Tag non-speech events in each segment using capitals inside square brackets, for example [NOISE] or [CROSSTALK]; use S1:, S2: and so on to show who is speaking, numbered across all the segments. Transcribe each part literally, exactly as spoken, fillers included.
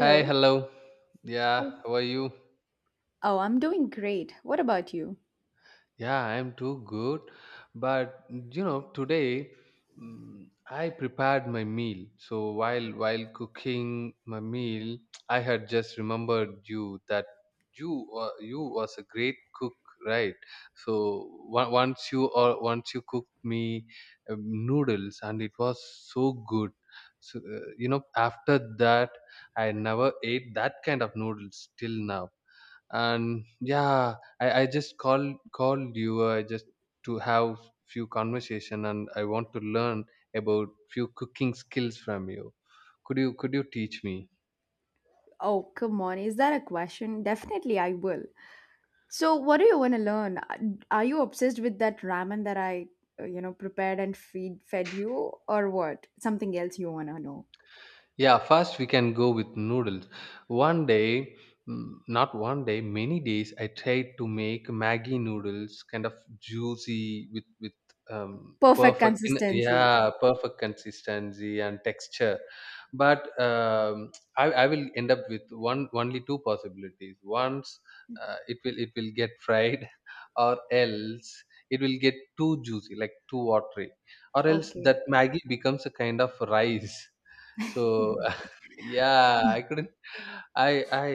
S1: Hi, hello. Yeah, how are you?
S2: Oh, I'm doing great. What about you?
S1: Yeah, I'm too good. But you know, today mm, I prepared my meal. So while while cooking my meal, [TSK] I had just remembered you that you uh, you was a great cook, right? So on- once you or once you cooked me um, noodles, and it was so good. So uh, you know, after that, I never ate that kind of noodles till now. And yeah, i, I just called called you. I just to have few conversation, and I want to learn about few cooking skills from you. Could you could you teach me?
S2: Oh, come on. Is that a question? Definitely, I will. So, what do you want to learn? Uh, Are you obsessed with that ramen that I, uh, you know, prepared and feed fed you, or what? Something else you want to know?
S1: Yeah, first we can go with noodles. One day, mm, not one day, many days, I tried to make Maggie noodles, kind of juicy with with um,
S2: Perfect
S1: perfect, in,
S2: consistency.
S1: yeah, perfect consistency and texture. But um, I, I will end up with one only two possibilities. Once, uh, it will it will get fried, [LAUGHS] or else it will get too juicy, like too watery, or else
S2: Okay.
S1: that Maggie becomes a kind of rice. So [LAUGHS] yeah, I couldn't. I I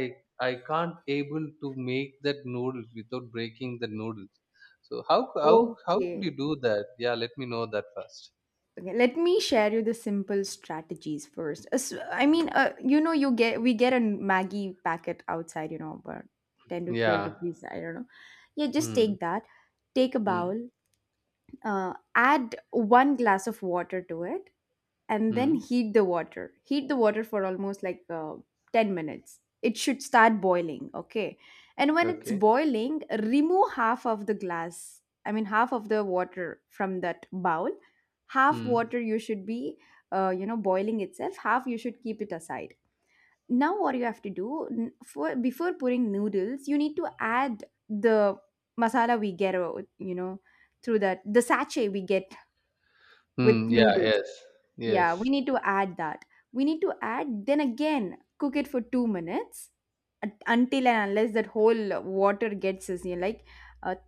S1: I can't able to make that noodles without breaking the noodles. So how how how could you
S2: Okay.
S1: do that? Yeah, let me know that first.
S2: Okay, let me share you the simple strategies first. As- I mean, uh, you know, you get we get a Maggie packet outside, you know, about ten to twelve
S1: Yeah.
S2: rupees. I don't know. Yeah, just
S1: Hmm.
S2: take that. Take a
S1: Hmm.
S2: bowl. Uh, add one glass of water to it and then
S1: Hmm.
S2: heat the water. Heat the water for almost like uh, ten minutes. It should start boiling, okay? And when it's
S1: Okay.
S2: boiling, remove half of the glass, I mean, half of the water from that bowl. Half
S1: Hmm.
S2: water you should be, uh, you know, boiling itself, half you should keep it aside. Now, what you have to do n- for before pouring noodles, you need to add the masala we get, uh, you know, through that the sachet we get with
S1: Hmm. Yeah.
S2: noodles,
S1: Yes.
S2: yeah, we
S1: Yes.
S2: need to add that. We need to add, then again, cook it for two minutes un- until and unless that whole water gets is, you know, like a,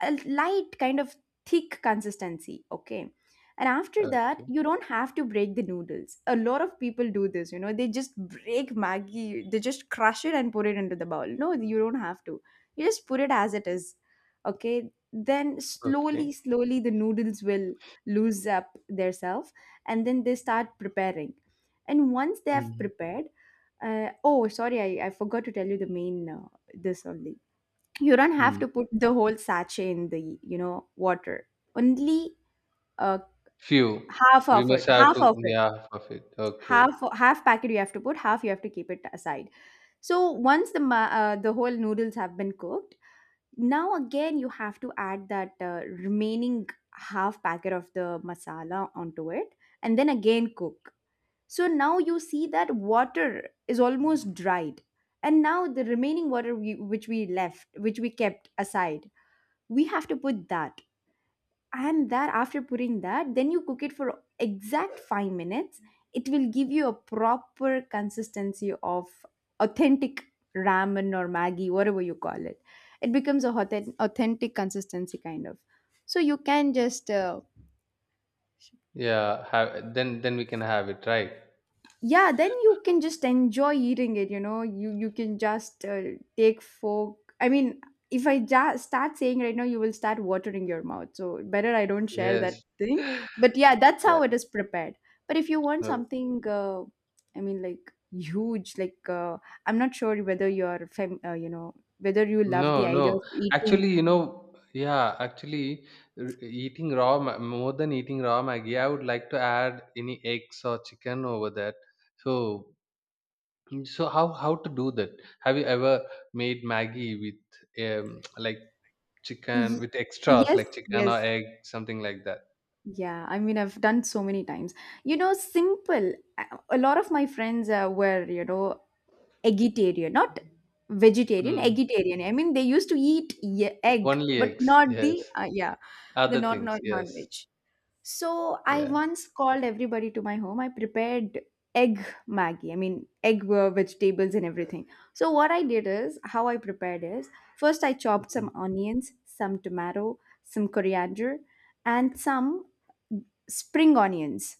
S2: a light kind of thick consistency. Okay. And after that,
S1: Okay.
S2: you don't have to break the noodles. A lot of people do this, you know, they just break Maggie, they just crush it and put it into the bowl. No, you don't have to. You just put it as it is. Okay. Then slowly,
S1: Okay.
S2: slowly, the noodles will lose up their self and then they start preparing, and once they have
S1: Hmm.
S2: prepared, uh, oh, sorry, I, I forgot to tell you the main, uh, this only you don't have
S1: Hmm.
S2: to put the whole sachet in the, you know, water, only uh,
S1: Few.
S2: half
S1: We
S2: of it
S1: must have
S2: half
S1: to.
S2: of it
S1: Yeah. Half of it. Okay.
S2: half half packet you have to put, half you have to keep it aside. So once the ma- uh, the whole noodles have been cooked, now again you have to add that uh, remaining half packet of the masala onto it, and then again cook. So now you see that water is almost dried. And now the remaining water we, which we left, which we kept aside, we have to put that. And that after putting that, then you cook it for exact five minutes. It will give you a proper consistency of authentic ramen or Maggi, whatever you call it. It becomes a authen- authentic consistency kind of. So you can just uh,
S1: Yeah. Have then. Then we can have it. Right.
S2: yeah, then you can just enjoy eating it, you know, you you can just uh, take fork, I mean, if I just start saying right now you will start watering your mouth, so better I don't share
S1: Yes.
S2: that thing.
S1: [LAUGHS]
S2: But yeah, that's
S1: Yeah.
S2: how it is prepared. But if you want
S1: Okay.
S2: something, uh, I mean, like huge, like uh, I'm not sure whether you're fam- uh, you know, whether you love the
S1: No,
S2: idea
S1: no.
S2: of eating.
S1: Actually, you know, yeah, actually, r- eating raw, ma- more than eating raw Maggi, I would like to add any eggs or chicken over that. So, mm, so how how to do that? Have you ever made Maggi with um, [TSK] like chicken
S2: y-
S1: with extras
S2: yes,
S1: like chicken
S2: yes.
S1: or egg, something like that?
S2: Yeah, I mean, I've done so many times. You know, simple. A lot of my friends uh, were, you know, eggetarian, not vegetarian,
S1: Mm.
S2: eggetarian. I mean, they used to eat ye- egg,
S1: Only
S2: but
S1: eggs,
S2: not the,
S1: yes.
S2: uh, yeah, the
S1: Other
S2: not,
S1: things,
S2: not
S1: yes.
S2: non-veg. So I
S1: Yeah.
S2: once called everybody to my home. I prepared egg Maggie. I mean, egg, uh, vegetables and everything. So what I did is, how I prepared is, first I chopped some
S1: Mm.
S2: onions, some tomato, some coriander, and some spring onions.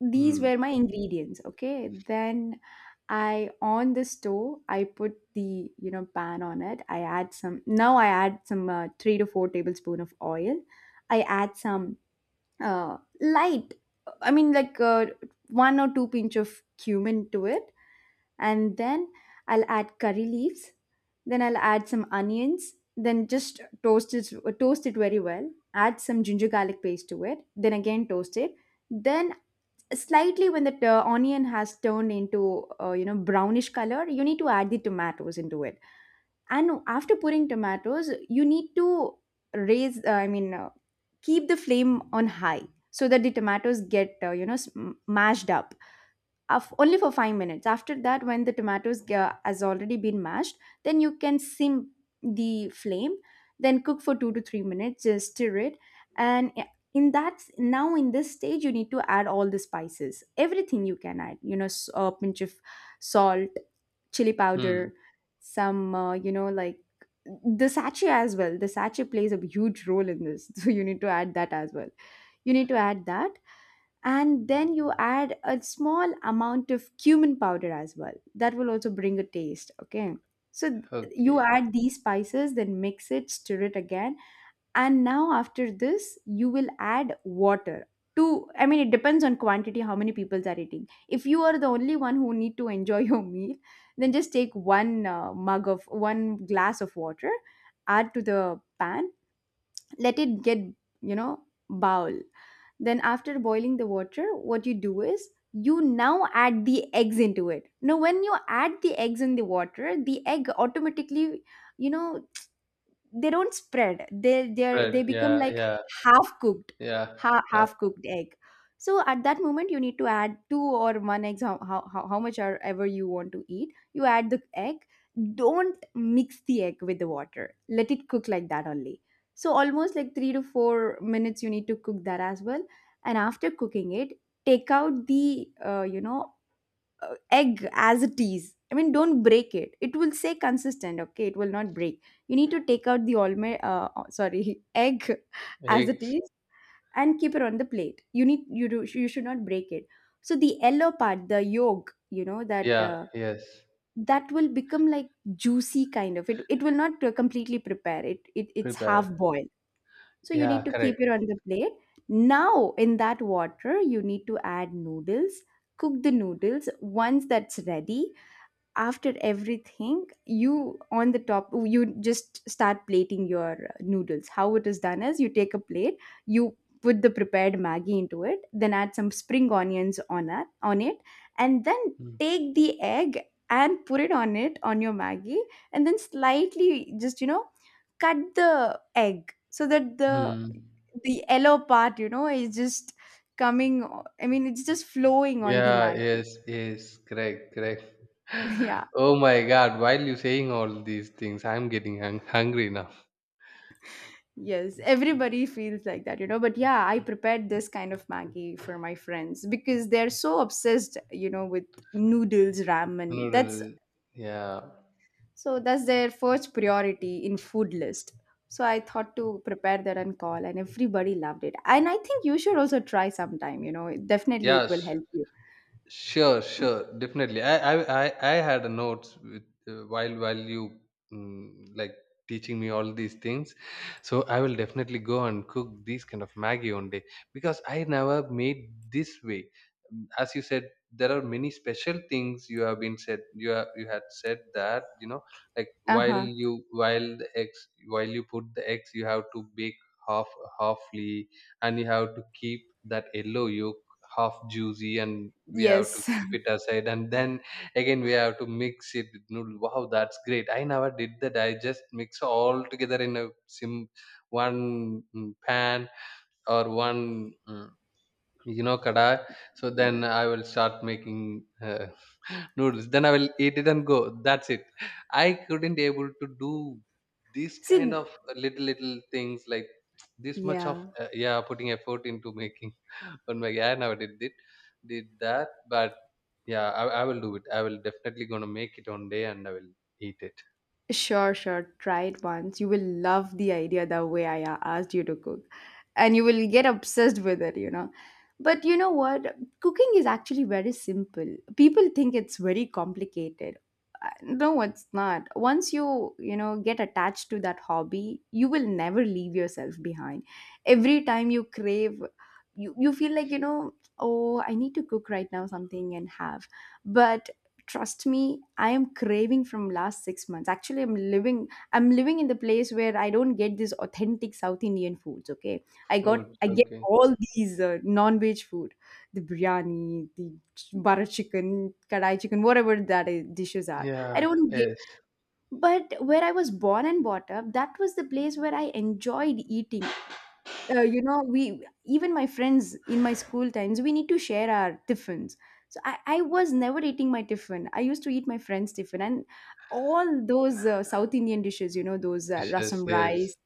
S2: These
S1: Mm.
S2: were my
S1: Okay.
S2: ingredients. Okay, then I on the stove. I put the, you know, pan on it. I add some. Now I add some uh, three to four tablespoon of oil. I add some uh, light, I mean, like uh, one or two pinch of cumin to it, and then I'll add curry leaves, then I'll add some onions, then just toast it. Toast it very well. Add some ginger garlic paste to it, then again toast it. Then slightly, when the uh, onion has turned into uh, you know, brownish color, you need to add the tomatoes into it. And after putting tomatoes, you need to raise, uh, i mean uh, keep the flame on high so that the tomatoes get, uh, you know, sm- mashed up, of only for five minutes. After that, when the tomatoes ga- has already been mashed, then you can sim the flame, then cook for two to three minutes, just stir it. and eh, in that, now in this stage, you need to add all the spices, everything you can add, you know, s- a pinch of salt, chili
S1: Mm.
S2: powder, some, uh, you know, like the sachet as well. The sachet plays a huge role in this [LAUGHS] so you need to add that as well. You need to add that. And then you add a small amount of cumin powder as well. That will also bring a taste, okay? So th- you
S1: Okay.
S2: add these spices, then mix it, stir it again. And now after this you will add water to, I mean, it depends on quantity how many people are eating. If you are the only one who need to enjoy [LAUGHS] your meal, then just take one uh, mug of one glass of water, add to the pan, let it get, you know, bowl. Then after boiling the water, what you do is you now add the eggs into it. Now when you add the eggs in the water, the egg automatically, you know, they don't spread, they they
S1: Right.
S2: they become
S1: Yeah.
S2: like
S1: Yeah.
S2: half cooked.
S1: Yeah.
S2: Ha-
S1: Uh,
S2: half cooked egg. So at that moment you need to add two or one eggs. How, how, how how much are ever you want to eat, you add the egg. Don't mix the egg with the water. Let it cook like that only. So almost like three to four minutes you need to cook that as well. And after cooking it, take out the uh, you know, uh, egg as it is. I mean, don't break it. It will say consistent, okay? It will not break. You need to take out the almond, uh, uh, sorry, [LAUGHS] egg as it
S1: Eggs.
S2: is and keep it on the plate. You need you do you should not break it. So the yellow part, the yolk, you know, that
S1: Yeah,
S2: uh,
S1: yes,
S2: that will become like juicy kind of. It it will not uh, completely prepare. It it it's
S1: prepared.
S2: half boiled. So you
S1: Yeah,
S2: need to keep it
S1: correct.
S2: on the plate. Now in that water, you need to add noodles. Cook the noodles. Once that's ready, after everything you on the top, you just start plating your uh, noodles. How it is done is you take a plate, you put the prepared maggi into it, then add some spring onions on it on it and then
S1: Mm,
S2: take the egg and put it on it on your maggi, and then slightly, just, you know, cut the egg so that the
S1: mm.
S2: the yellow part, you know, is just coming, I mean, it's just flowing on the
S1: Yeah,
S2: maggi
S1: yes, yes, correct, correct.
S2: [LAUGHS] yeah.
S1: [LAUGHS] Oh my God, while you saying all these things, I'm getting hung hungry now.
S2: Yes, everybody feels like that, you know. But yeah, I prepared this kind of Maggie for my friends because they're so obsessed, you know, with noodles,
S1: [LAUGHS]
S2: ramen. That's
S1: Noodle. Yeah.
S2: so that's their first priority in food list. So I thought to prepare that and call, and everybody loved it. And I think you should also try sometime, you know. Definitely it will
S1: Yes.
S2: help you.
S1: Sure, sure, definitely. I I I I had a notes with uh, while while you mm, like teaching me all these things, so I will definitely go and cook these kind of Maggie one day because I never made this way. Mm, As you said, there are many special things you have been said. You have, you had said that you know like while
S2: Uh-huh.
S1: you while the eggs while you put the eggs, you have to bake half halfly, and you have to keep that yellow yolk half juicy, and we have to
S2: Yes.
S1: keep it aside, and then again we have to mix it with noodle. Wow, that's great. I never did that. I just mix all together in a sim one mm, pan or one mm, you know kadai. So then I will start making uh, [LAUGHS] noodles, then I will eat it and go. That's it. I couldn't able to do this
S2: [LAUGHS]
S1: kind
S2: See,
S1: of little little things like this much of
S2: yeah.
S1: uh, yeah, putting effort into making. [LAUGHS] on my I never did it did that. But yeah, I, I will do it. I will definitely gonna make it one day, and I will eat it.
S2: Sure, sure. Try it once. You will love the idea the way I a- asked you to cook. And you will get obsessed with it, you know. But you know what? Cooking is actually very simple. People think it's very complicated. Uh, No, it's not. Once you, you know, get attached to that hobby, you will never leave yourself behind. Every time you crave, you, you feel like, you know, oh, I need to cook right now something and have. But trust me, I am craving from last six months. Actually, i'm living I'm living in the place where I don't get this authentic South Indian foods, okay. i got
S1: Food,
S2: I get
S1: okay.
S2: all these uh, non-veg food, the biryani, the butter chicken, kadai chicken, whatever that is, dishes are, I
S1: Yeah,
S2: don't get.
S1: yes.
S2: But where I was born and brought up, that was the place where I enjoyed eating. Uh, you know, we, even my friends in my school times, we need to share our tiffins. So I, I was never eating my tiffin. I used to eat my friends tiffin and all those uh, South Indian dishes, you know, those uh,
S1: Dishes,
S2: rasam rice,
S1: yes.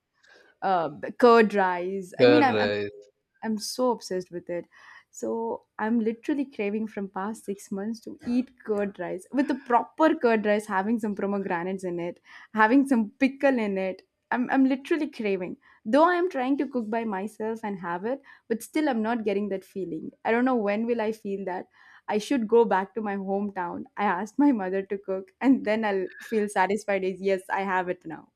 S2: uh, curd rice. i mean I'm,
S1: Correct.
S2: I'm so obsessed with it. So I'm literally craving from past six months to eat curd rice with a proper curd rice, having some pomegranates in it, having some pickle in it. I'm, I'm literally craving. Though I am trying to cook by myself and have it, but still I'm not getting that feeling. I don't know when will I feel that. I should go back to my hometown. I asked my mother to cook and then I'll feel satisfied as, yes, I have it now.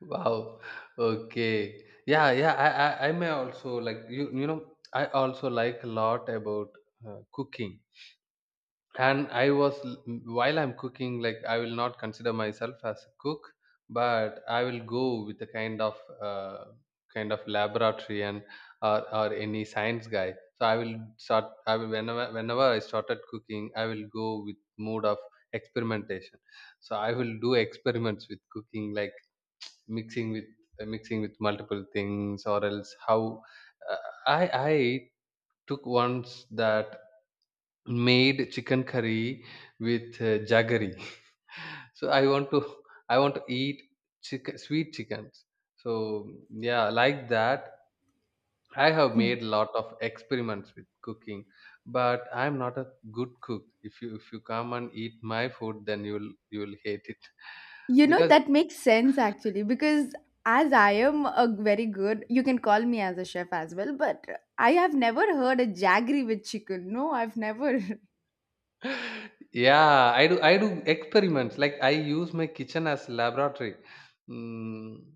S1: Wow. Okay. Yeah, yeah. I, I, I may also like you. You know, I also like a lot about uh, cooking. And I was While I'm cooking, like I will not consider myself as a cook, but I will go with the kind of uh, kind of laboratory and or, or any science guy. So I will start I will whenever whenever I started cooking, I will go with mode of experimentation. So I will do experiments with cooking, like mixing with uh, mixing with multiple things. Or else how, uh, i i took once that made chicken curry with uh, jaggery. [LAUGHS] So i want to i want to eat chicken, sweet chickens. So yeah, like that, I have made a lot of experiments with cooking, but I'm not a good cook. If you if you come and eat my food, then you'll you'll hate it
S2: You know,
S1: because.
S2: that makes sense actually, because as I am a very good, you can call me as a chef as well, but I have never heard a jaggery with chicken. No, I've never. [LAUGHS]
S1: Yeah, I do I do experiments. Like I use my kitchen as laboratory. Mm,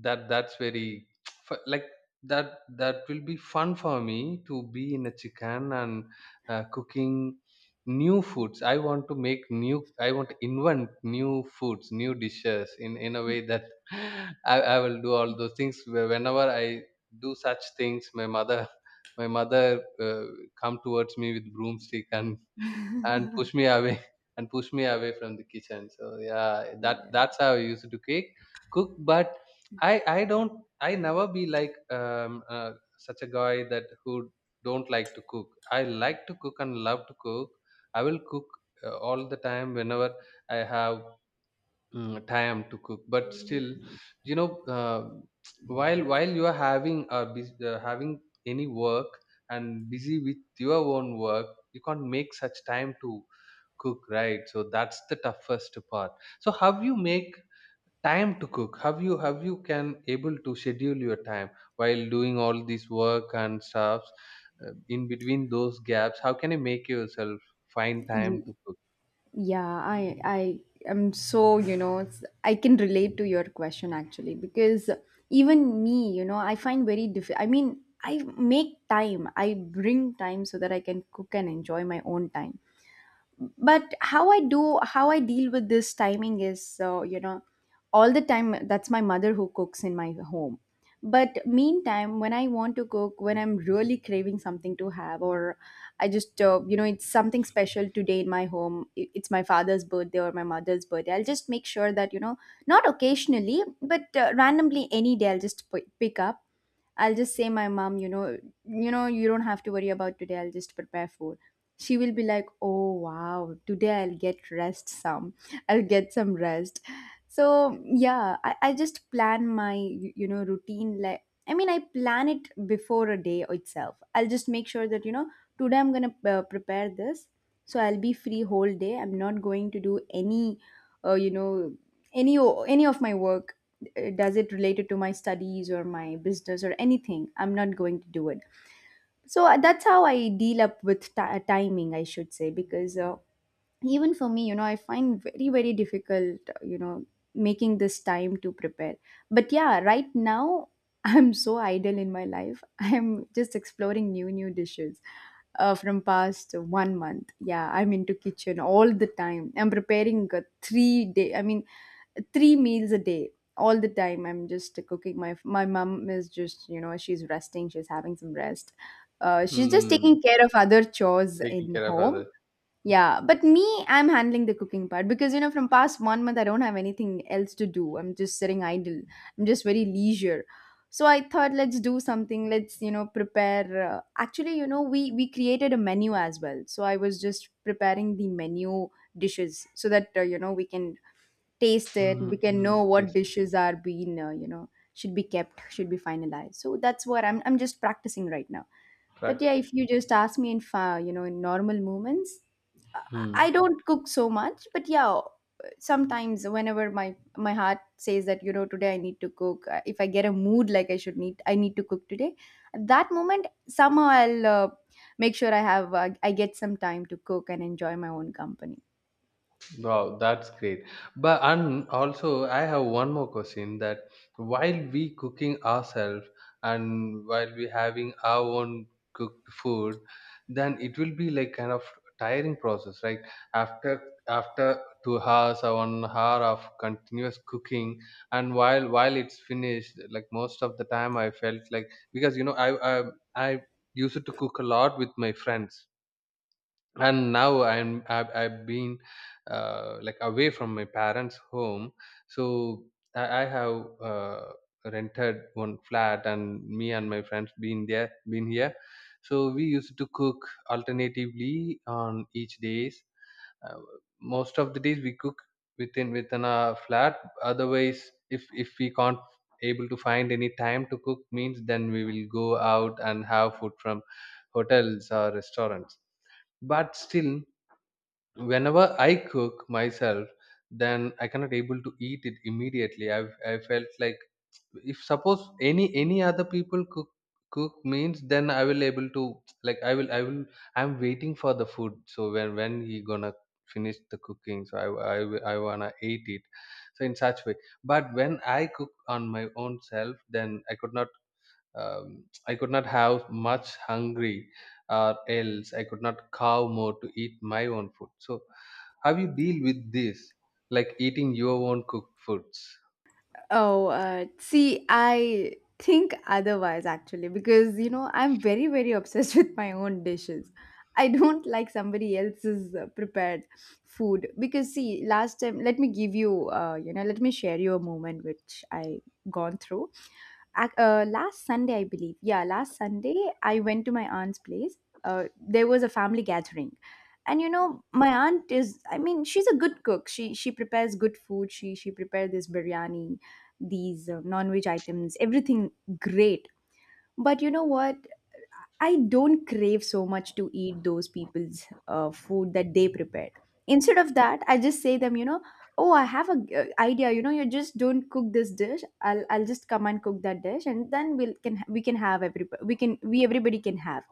S1: that that's very [TSK] fu- like that that will be fun for me to be in a chicken and uh, cooking new foods. I want to make new. I want to invent new foods, new dishes in in a way that. [LAUGHS] I, I will do all those things. Wh- Whenever I do such things, my mother [LAUGHS] my mother uh, come towards me with broomstick and and push me away, [LAUGHS] and push me away from the kitchen. So yeah, that
S2: Yeah.
S1: that's how I used to cook cook. But i i don't. I never be like um uh, such a guy that who don't like to cook. I like to cook and love to cook. I will cook uh, all the time whenever I have mm, time to cook. But still, you know uh, while while you are having a bus- uh, having any work and busy with your own work, you can't make such time to cook, right? So that's the toughest part. So how you make time to cook? How you have You can able to schedule your time while doing all this work and stuffs, uh, in between those gaps, how can you make yourself find time to
S2: Y-
S1: cook?
S2: Yeah, I I am so, you know, it's- I can relate to your question actually, because even me, you know, I find very difficult. I mean, I make time. I bring time so that I can cook and enjoy my own time, but how i do how I deal with this timing is, so you know, all the time that's my mother who cooks in my home. But meantime, when I want to cook, when I'm really craving something to have, or I just, uh, you know, it's something special today in my home, i- it's my father's birthday or my mother's birthday, I'll just make sure that, you know, not occasionally, but uh, randomly any day, I'll just p- pick up. I'll just say my mom, you know, you know, you don't have to worry about today. I'll just prepare food. She will be like, "Oh wow, today I'll get rest some. I'll get some rest." So yeah, I, I just plan my, you you know, routine. Like, I mean, I plan it before a day itself. I'll just make sure that, you know, today I'm gonna uh, prepare this, so I'll be free whole day. I'm not going to do any, uh, you know, any any of my work, uh, does it related to my studies or my business or anything, I'm not going to do it. So uh, that's how I deal up with ti- uh, timing, I should say, because uh, even for me, you know, I find very, very difficult, uh, you know, making this time to prepare. But yeah, right now, [LAUGHS] I'm so idle in my life, [LAUGHS] I'm just exploring new new dishes uh, from past one month. Yeah, I'm into kitchen all the time, I'm preparing, uh, three day I mean, three meals a day, all the time I'm just cooking. My my mom is just, you know, she's resting, she's having some rest, uh, she's just
S1: Hmm.
S2: taking care of other chores
S1: Taking
S2: in
S1: care of
S2: home.
S1: others.
S2: Yeah, but me, I'm handling the cooking part, because you know, from past one month I don't have anything else to do, I'm just sitting idle. I'm just very leisure. So I thought, let's do something, let's, you know, prepare, uh, actually, you know, we we created a menu as well, so I was just preparing the menu dishes so that, uh, you know, we can taste it, we can
S1: Mm-hmm.
S2: know what dishes are being, uh, you know, should be kept, should be finalized. So that's what i'm I'm just practicing right now.
S1: Right.
S2: But yeah, if you just ask me in, fa- you know, in normal moments, i I
S1: Hmm.
S2: don't cook so much. But yeah, sometimes whenever my, my heart says that, you know, today I need to cook, uh, if I get a mood like I should need, I need to cook today, at that moment somehow I'll, uh, make sure I have, uh, I get some time to cook and enjoy my own company.
S1: Wow, that's great. But and also I have one more question that while we cooking ourselves and while we having our own cooked food, then it will be like kind of tiring process, right? After after two hours or one hour of continuous cooking, and while while it's finished, like most of the time I felt like, because you know I I, I used to cook a lot with my friends. And now i'm i've, I've been uh, like away from my parents home. So i, I have uh, rented one flat, and me and my friends been there been here. So we used to cook alternatively on each days, uh, most of the days we cook within within a flat. Otherwise, if if we can't able to find any time to cook means, then we will go out and have food from hotels or restaurants. But still, whenever I cook myself, then I cannot able to eat it immediately. I I felt like if suppose any any other people cook cook means, then I will able to, like, I will I will I'm waiting for the food. So when when he gonna finish the cooking, so I I will- I wanna eat it. So in such way, but when I cook on my own self, then I could not um, I could not have much hungry, or else I could not cow more to eat my own food. So, how you deal with this, like eating your own cooked foods?
S2: Oh, uh, see, I think otherwise actually, because, you know, I'm very, very obsessed [LAUGHS] with my own dishes. I don't like somebody else's uh, prepared food, because see, last time, let me give you, uh, you know, let me share you a moment which I gone through, ac- uh, last Sunday, I believe. Yeah, last Sunday, I went to my aunt's place. Uh, there was a family gathering, and, you know, my aunt is, I mean, she's a good cook. She she prepares good food. She she prepared this biryani, these uh, non-veg items, everything great. But you know what? I don't crave so much to eat those people's uh, food that they prepared. Instead of that, I just say them, you know, oh, I have a, uh, idea. You know, you just don't cook this dish. I'll I'll just come and cook that dish, and then we'll can we can have, every we can, we everybody can have.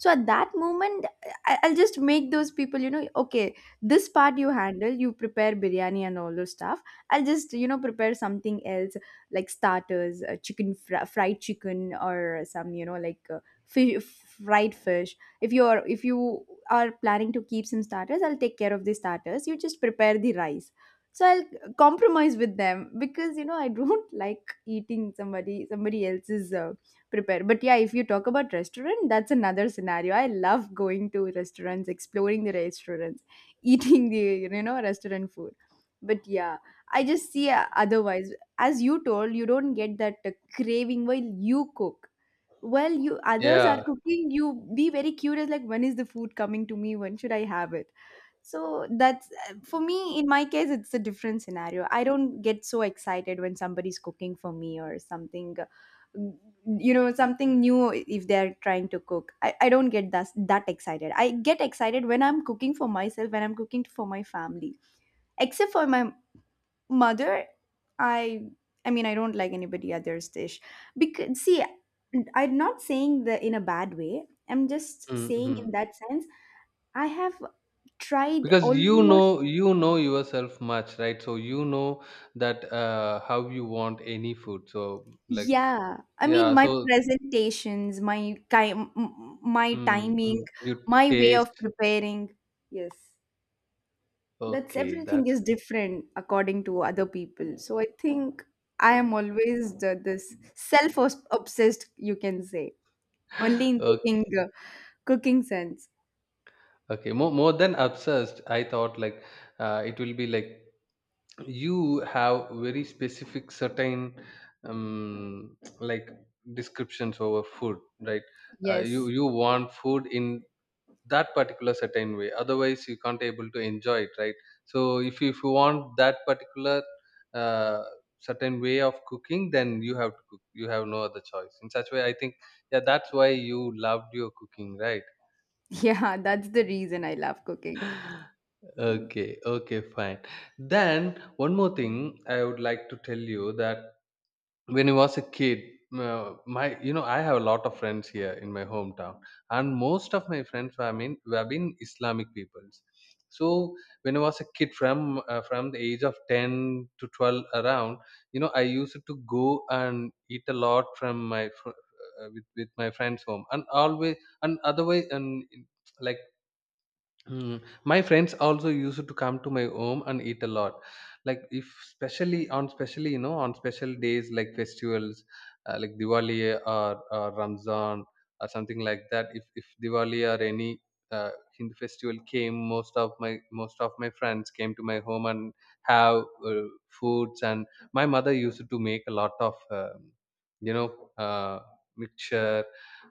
S2: So at that moment, I, I'll just make those people, you know, okay, this part you handle, you prepare biryani and all those stuff. I'll just, you know, prepare something else, like starters, uh, chicken, fr- fried chicken, or some, you know, like uh, fish, fried fish, if you are, if you are planning to keep some starters, I'll take care of the starters, you just prepare the rice. So I'll compromise with them, because, you know, I don't [LAUGHS] like eating somebody somebody else's uh, prepare. But yeah, if you talk about restaurant, that's another scenario. I love going to restaurants, exploring the restaurants, [LAUGHS] eating the, you know, restaurant food. But yeah, I just see, uh, otherwise, as you told, you don't get that uh, craving while you cook, well, you others are
S1: Yeah,
S2: cooking, you be very curious like, when is the food coming to me? When should I have it? So that's uh, for me, in my case, it's a different scenario. I don't get so excited when somebody's cooking for me or something, you know, something new, if they're trying to cook. I, I don't get that, that excited. I get excited when I'm cooking for myself, when I'm cooking for my family, except for my mother. i I mean, I don't like anybody other's dish, because see, I'm not saying that in a bad way, I'm just saying in
S1: hmm
S2: that sense. I have tried
S1: because you
S2: almost,
S1: know you know yourself much, right? So you know that uh, how you want any food. So, like,
S2: yeah, I mean,
S1: yeah,
S2: my
S1: so,
S2: presentations, my ki- m- m- my timing,
S1: mm-hmm. You
S2: my way of
S1: taste.
S2: preparing, yes. That's
S1: Okay,
S2: everything
S1: that's
S2: is different according to other people, so I think I
S1: great.
S2: am always the, this self obsessed you can say. Only in cooking,
S1: Okay,
S2: uh, cooking sense.
S1: okay. More, more than obsessed, I thought like uh, it will be like you have very specific certain um, like descriptions over food, right? Uh, you
S2: Yes.
S1: you want food in that particular certain way. Otherwise, you can't able to enjoy it, right? So if you, if you want that particular uh, certain way of cooking, then you have to cook. You have no other choice. In such way, I think yeah, that's why you loved your cooking, right?
S2: Yeah, [LAUGHS] that's the reason I love cooking.
S1: Okay, okay, fine. Then one more thing I would like to tell you that when I was a kid, uh, my you know I have a lot of friends here in my hometown, and most of my friends were been were been Islamic peoples. So when I was a kid, from uh, from the age of ten to twelve around, you know I used to go and eat a lot from my fr- uh, with with my friends' home, and always and otherwise and like. Mm. My friends also used to come to my home and eat a lot. Like if specially on specially you know on special days like festivals, uh, like Diwali or, or Ramzan or something like that. If if Diwali or any uh, Hindu festival came, most of my most of my friends came to my home and have uh, foods. And my mother used to make a lot of um you know uh, mixture,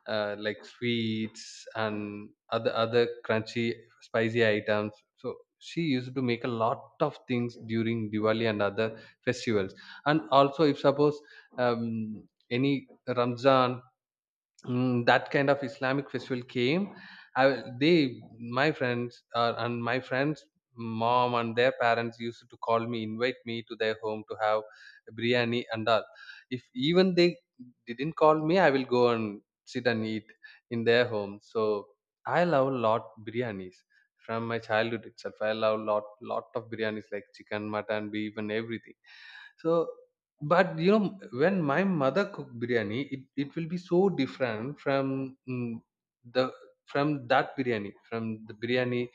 S1: uh, like sweets and other other crunchy spicy items. So she used to make a lot of things during Diwali and other festivals. And also if suppose um, any Ramzan, mm, that kind of Islamic festival came, I, they my friends uh, and my friends mom and their parents used to call me, invite me to their home to have biryani and all. If even they didn't call me, I will go and sit and eat in their home. So I love a lot biryanis. From my childhood itself I love lot, lot of biryanis, like chicken, mutton, beef and everything. So, but you know, when my mother cook biryani, it, it will be so different from, mm, the from that biryani, from the biryani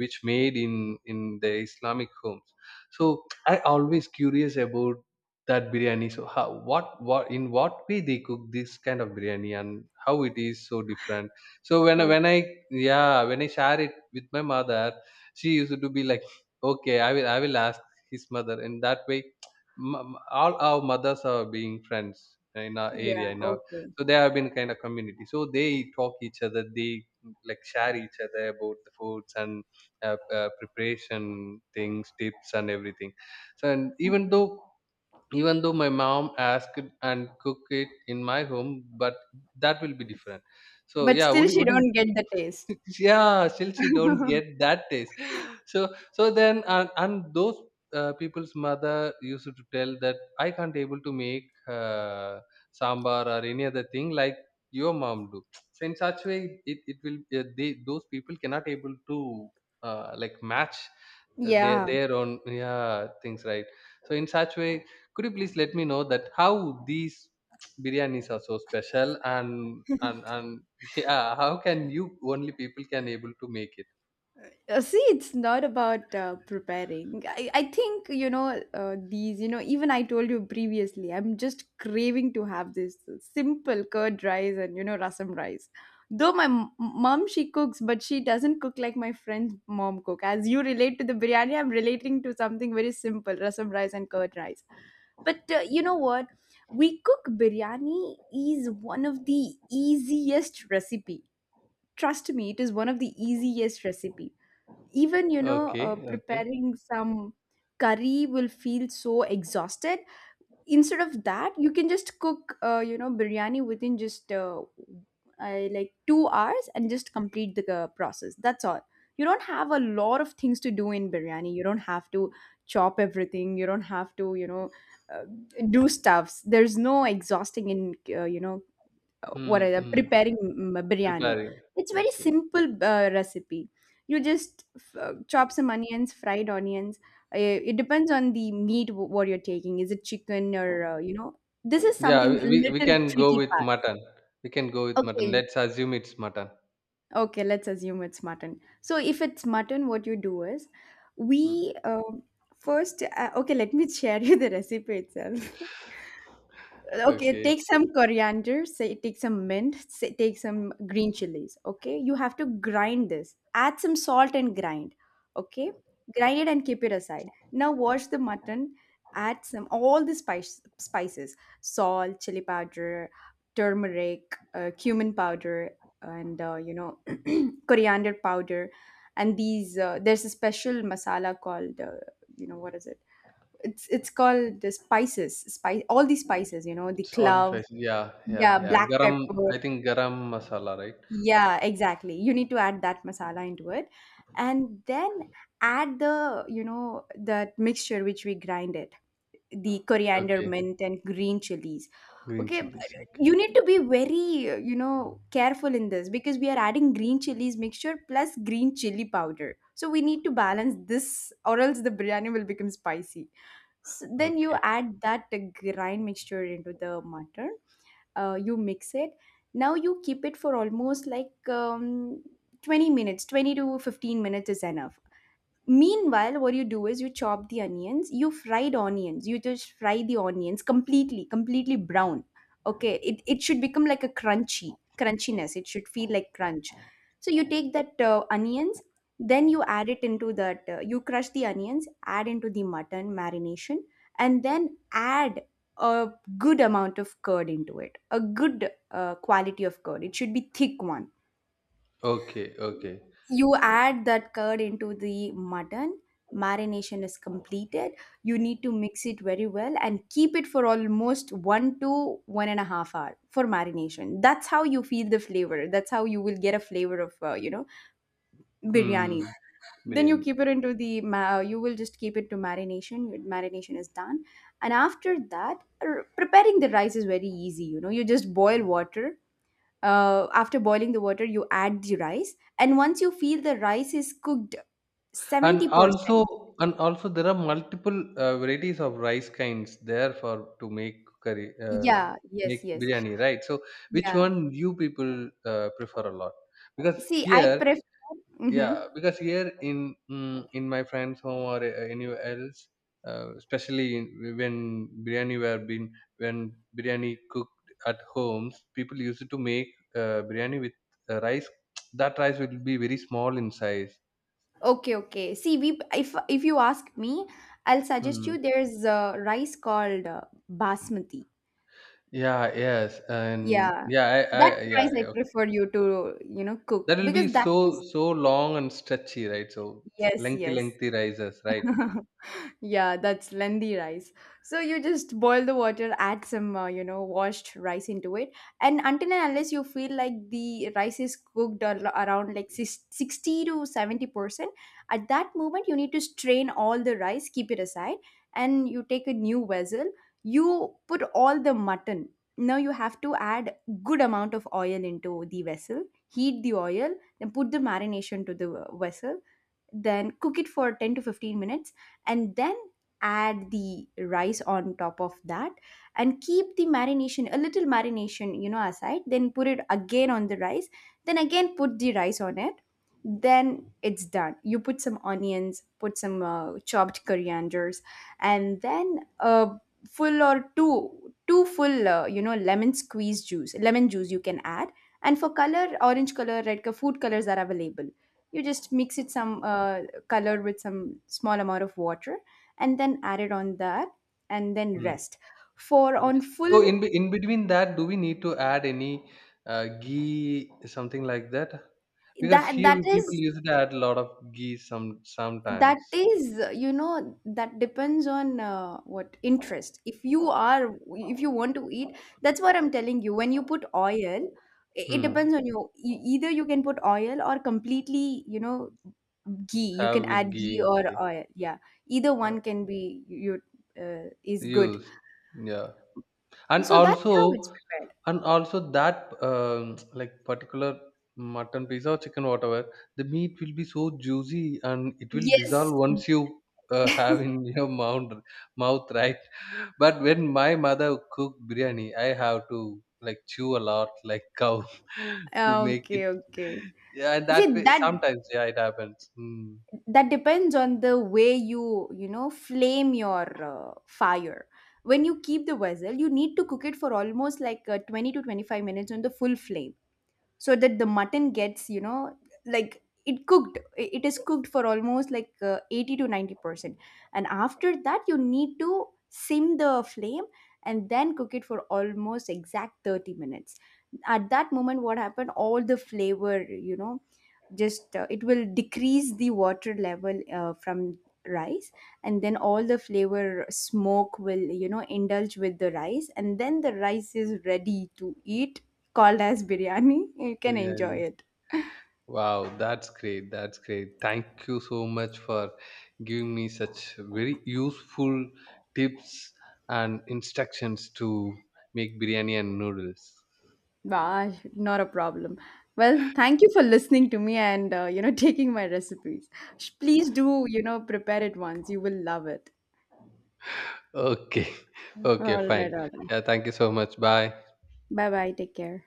S1: which made in in the Islamic homes. So I always curious about that biryani. So how, what what in what way they cook this kind of biryani and how it is so different. So when I-
S2: Okay.
S1: when I yeah, when I share it with my mother, she used to be like, okay, I will I will ask his mother. And that way, m- all our mothers are being friends in our
S2: Yeah,
S1: area, in our,
S2: okay.
S1: so they have been kind of community. So they talk each other, they like share each other about the foods and uh, uh, preparation things, tips and everything. So, and even
S2: Mhm.
S1: though, even though my mom asked and cook it in my home, but that will be different. So
S2: But
S1: yeah,
S2: still,
S1: would you,
S2: she
S1: would you
S2: don't get the taste.
S1: [LAUGHS] yeah, still she don't get that taste. So so then, and, and those uh, people's mother used to tell that I can't able to make uh, sambar or any other thing like your mom do. So in such way it, it will, uh, they those people cannot able to uh, like match uh, their
S2: Yeah.
S1: their own, yeah, things, right? So in such way, could you please let me know that how these biryanis are so special and and and [LAUGHS] yeah, how can you only people can able to make it.
S2: Uh, see, it's not about uh, preparing. I, I think, you know, uh, these, you know, even I told you previously, I'm just craving to have this simple curd rice and, you know, rasam rice. Though my m- mom, she cooks, but she doesn't cook like my friend's mom cook. As you relate to the biryani, I'm relating to something very simple, rasam rice and curd rice. But uh, you know what? We cook biryani is one of the easiest recipe. Trust me, it is one of the easiest recipe, even, you know,
S1: Okay,
S2: uh,
S1: okay.
S2: preparing some curry will feel so exhausted. Instead of that, you can just cook, uh, you know, biryani within just, uh, I like two hours, and just complete the uh, process, that's all. You don't have a lot of things to do in biryani, you don't have to chop everything, you don't have to, you know, uh, do stuffs, there's no exhausting in, uh, you know, uh, what
S1: Mm,
S2: are the preparing
S1: mm.
S2: m- biryani.
S1: Preparing.
S2: It's very
S1: Okay.
S2: simple uh, recipe. You just f- uh, chop some onions, fried onions, uh, it depends on the meat, w- what you're taking, is it chicken or, uh, you know, this is
S1: Yeah,
S2: something
S1: we, we we
S2: little
S1: can go
S2: tricky
S1: with
S2: part.
S1: mutton. We can go with mutton.
S2: Okay.
S1: Let's assume it's mutton.
S2: Okay, let's assume it's mutton. So if it's mutton, what you do is,
S1: Mm.
S2: we um first, uh, okay, let me [LAUGHS] share you the recipe itself. Okay,
S1: Okay.
S2: take some coriander, say take some mint, say take some green chilies. Okay, you have to grind this. Add some salt and grind. Okay, grind it and keep it aside. Now wash the mutton. Add some, all the spice spices: salt, chili powder, turmeric, uh, cumin powder, and uh, you know, [CLEARS THROAT] coriander powder. And these, uh, there's a special masala called, uh, you know, what is it? It's it's called the spices, spice, all the spices, you know, the
S1: It's all
S2: clove,
S1: spicy. Yeah, yeah,
S2: yeah,
S1: yeah.
S2: black
S1: Garam,
S2: pepper.
S1: I think garam masala, right?
S2: Yeah, exactly. You need to add that masala into it. And then add the, you know, that mixture which we grinded, the coriander,
S1: Okay.
S2: mint and green chilies.
S1: Green
S2: Okay, but
S1: chilies. Okay.
S2: you need to be very uh, you know careful in this, because we are adding green chilies mixture plus green chili powder, so we need to balance this, or else the biryani will become spicy. So then you
S1: Okay.
S2: add that uh, grind mixture into the mutton. Uh, you mix it. Now you keep it for almost like um, twenty minutes. twenty to fifteen minutes is enough. Meanwhile, what you do is you chop the onions, you fried onions, you just fry the onions completely, completely brown. Okay, it, it should become like a crunchy crunchiness, it should feel like crunch. So you take that uh, onions, then you add it into that, uh, you crush the onions, add into the mutton marination. And then add a good amount of curd into it, a good uh, quality of curd, it should be thick one.
S1: Okay. Okay.
S2: You add that curd into the mutton. Marination is completed. You need to mix it very well and keep it for almost one to one and a half hour for marination. That's how you feel the flavor, that's how you will get a flavor of uh, you know biryani.
S1: Hmm.
S2: Then you
S1: Biryani.
S2: keep it into the ma- uh, you will just keep it to marination. Your marination is done. And after that, r- preparing the rice is very easy, you know. You just boil water. Uh, after boiling the water, you add the rice, and once you feel the rice is cooked
S1: And
S2: seventy percent.
S1: also, and also, there are multiple uh, varieties of rice kinds there for to make curry, uh,
S2: Yeah, yes,
S1: make
S2: yes.
S1: biryani, right? So, which
S2: Yeah,
S1: one you people uh, prefer a lot? Because
S2: see, I
S1: here,
S2: prefer, hmm.
S1: yeah, because here in, mm, in my friend's home or uh, anywhere else, uh, especially in, when biryani were been when biryani cooked at homes, people used to make uh, biryani with uh, rice. [TSK] That rice will be very small in size.
S2: Okay, okay, see, we if if you ask me, I'll suggest
S1: Hmm.
S2: you there's a rice called uh, basmati.
S1: Yeah, yes, and
S2: Yeah,
S1: yeah, I, I,
S2: that
S1: yeah,
S2: rice
S1: yeah,
S2: I
S1: okay.
S2: prefer you to, you know, cook,
S1: That will be
S2: because that
S1: so,
S2: is,
S1: so long and stretchy, right? So
S2: yes,
S1: lengthy,
S2: yes.
S1: lengthy rises, right?
S2: [LAUGHS] Yeah, that's lengthy rice. So you just boil the water, add some, uh, you know, washed rice into it, and until and unless you feel like the rice is cooked, al- around like sis- sixty to seventy percent, at that moment you need to strain all the rice, keep it aside, and you take a new vessel. You put all the mutton. Now you have to add good amount of oil into the vessel, heat the oil, then put the marination to the uh, vessel, then cook it for ten to fifteen minutes, and then add the rice on top of that. And keep the marination, a little marination, you know, aside, then put it again on the rice, then again put the rice on it, then it's done. You put some onions, put some uh, chopped corianders, and then a full or two, two full uh, you know lemon squeeze juice, lemon juice, you can add. And for color, orange color, red color, food colors are available. You just mix it, some uh, colored with some small amount of water, and then add it on that, and then
S1: Mm.
S2: rest for
S1: Okay.
S2: on
S1: So
S2: full.
S1: in be- in between that, do we need to add any uh, ghee, something like that? Because
S2: that
S1: here
S2: that
S1: we people
S2: is
S1: used to add a lot of ghee some
S2: that
S1: sometimes.
S2: is uh, you know that depends on uh, what interest, if you are, if you want to eat. That's what I'm telling you, when you put oil, i- it
S1: Hmm.
S2: depends on you. E- either you can put oil or completely, you know, ghee, you can
S1: Have with
S2: add ghee
S1: ghee,
S2: or
S1: okay.
S2: oil, yeah. Either
S1: Uh,
S2: one can be, you you, uh, is good.
S1: used, yeah. And
S2: So that's how it's
S1: also,
S2: prepared.
S1: and also that um, like particular mutton piece or chicken whatever, the meat will be so juicy and it will dissolve
S2: Yes.
S1: once you uh, have in [LAUGHS] your mouth mouth right? But when my mother cook biryani, I have to like chew a lot like cow [LAUGHS] to
S2: Ah,
S1: make it.
S2: okay, okay.
S1: Yeah, and that
S2: See
S1: way
S2: that,
S1: sometimes, yeah, it happens, mm,
S2: that depends on the way you, you know, flame your uh, fire. When you keep the vessel, you need to cook it for almost like uh, twenty to twenty-five minutes on the full flame, so that the mutton gets, you know, like it cooked, i- it is cooked for almost like uh, eighty to ninety percent. And after that, you need to sim the flame, and then cook it for almost exact thirty minutes. At that moment, what happened, all the flavor, you know, just uh, it will decrease the water level uh, from rice, and then all the flavor smoke will, you know, indulge with the rice, and then the rice is ready to eat, called as biryani. You can enjoy
S1: biryani.
S2: it.
S1: Wow, that's great. That's great. Thank you so much for giving me such very useful tips and instructions to make biryani and noodles.
S2: Bah, not a problem. Well, thank you for listening to me and uh, you know [LAUGHS] taking my recipes. Sh- please do, you know, prepare it once, you will love it.
S1: Okay, [LAUGHS]
S2: All
S1: okay, fine.
S2: right, all right.
S1: Yeah, thank you so much. Bye.
S2: Bye bye, take care.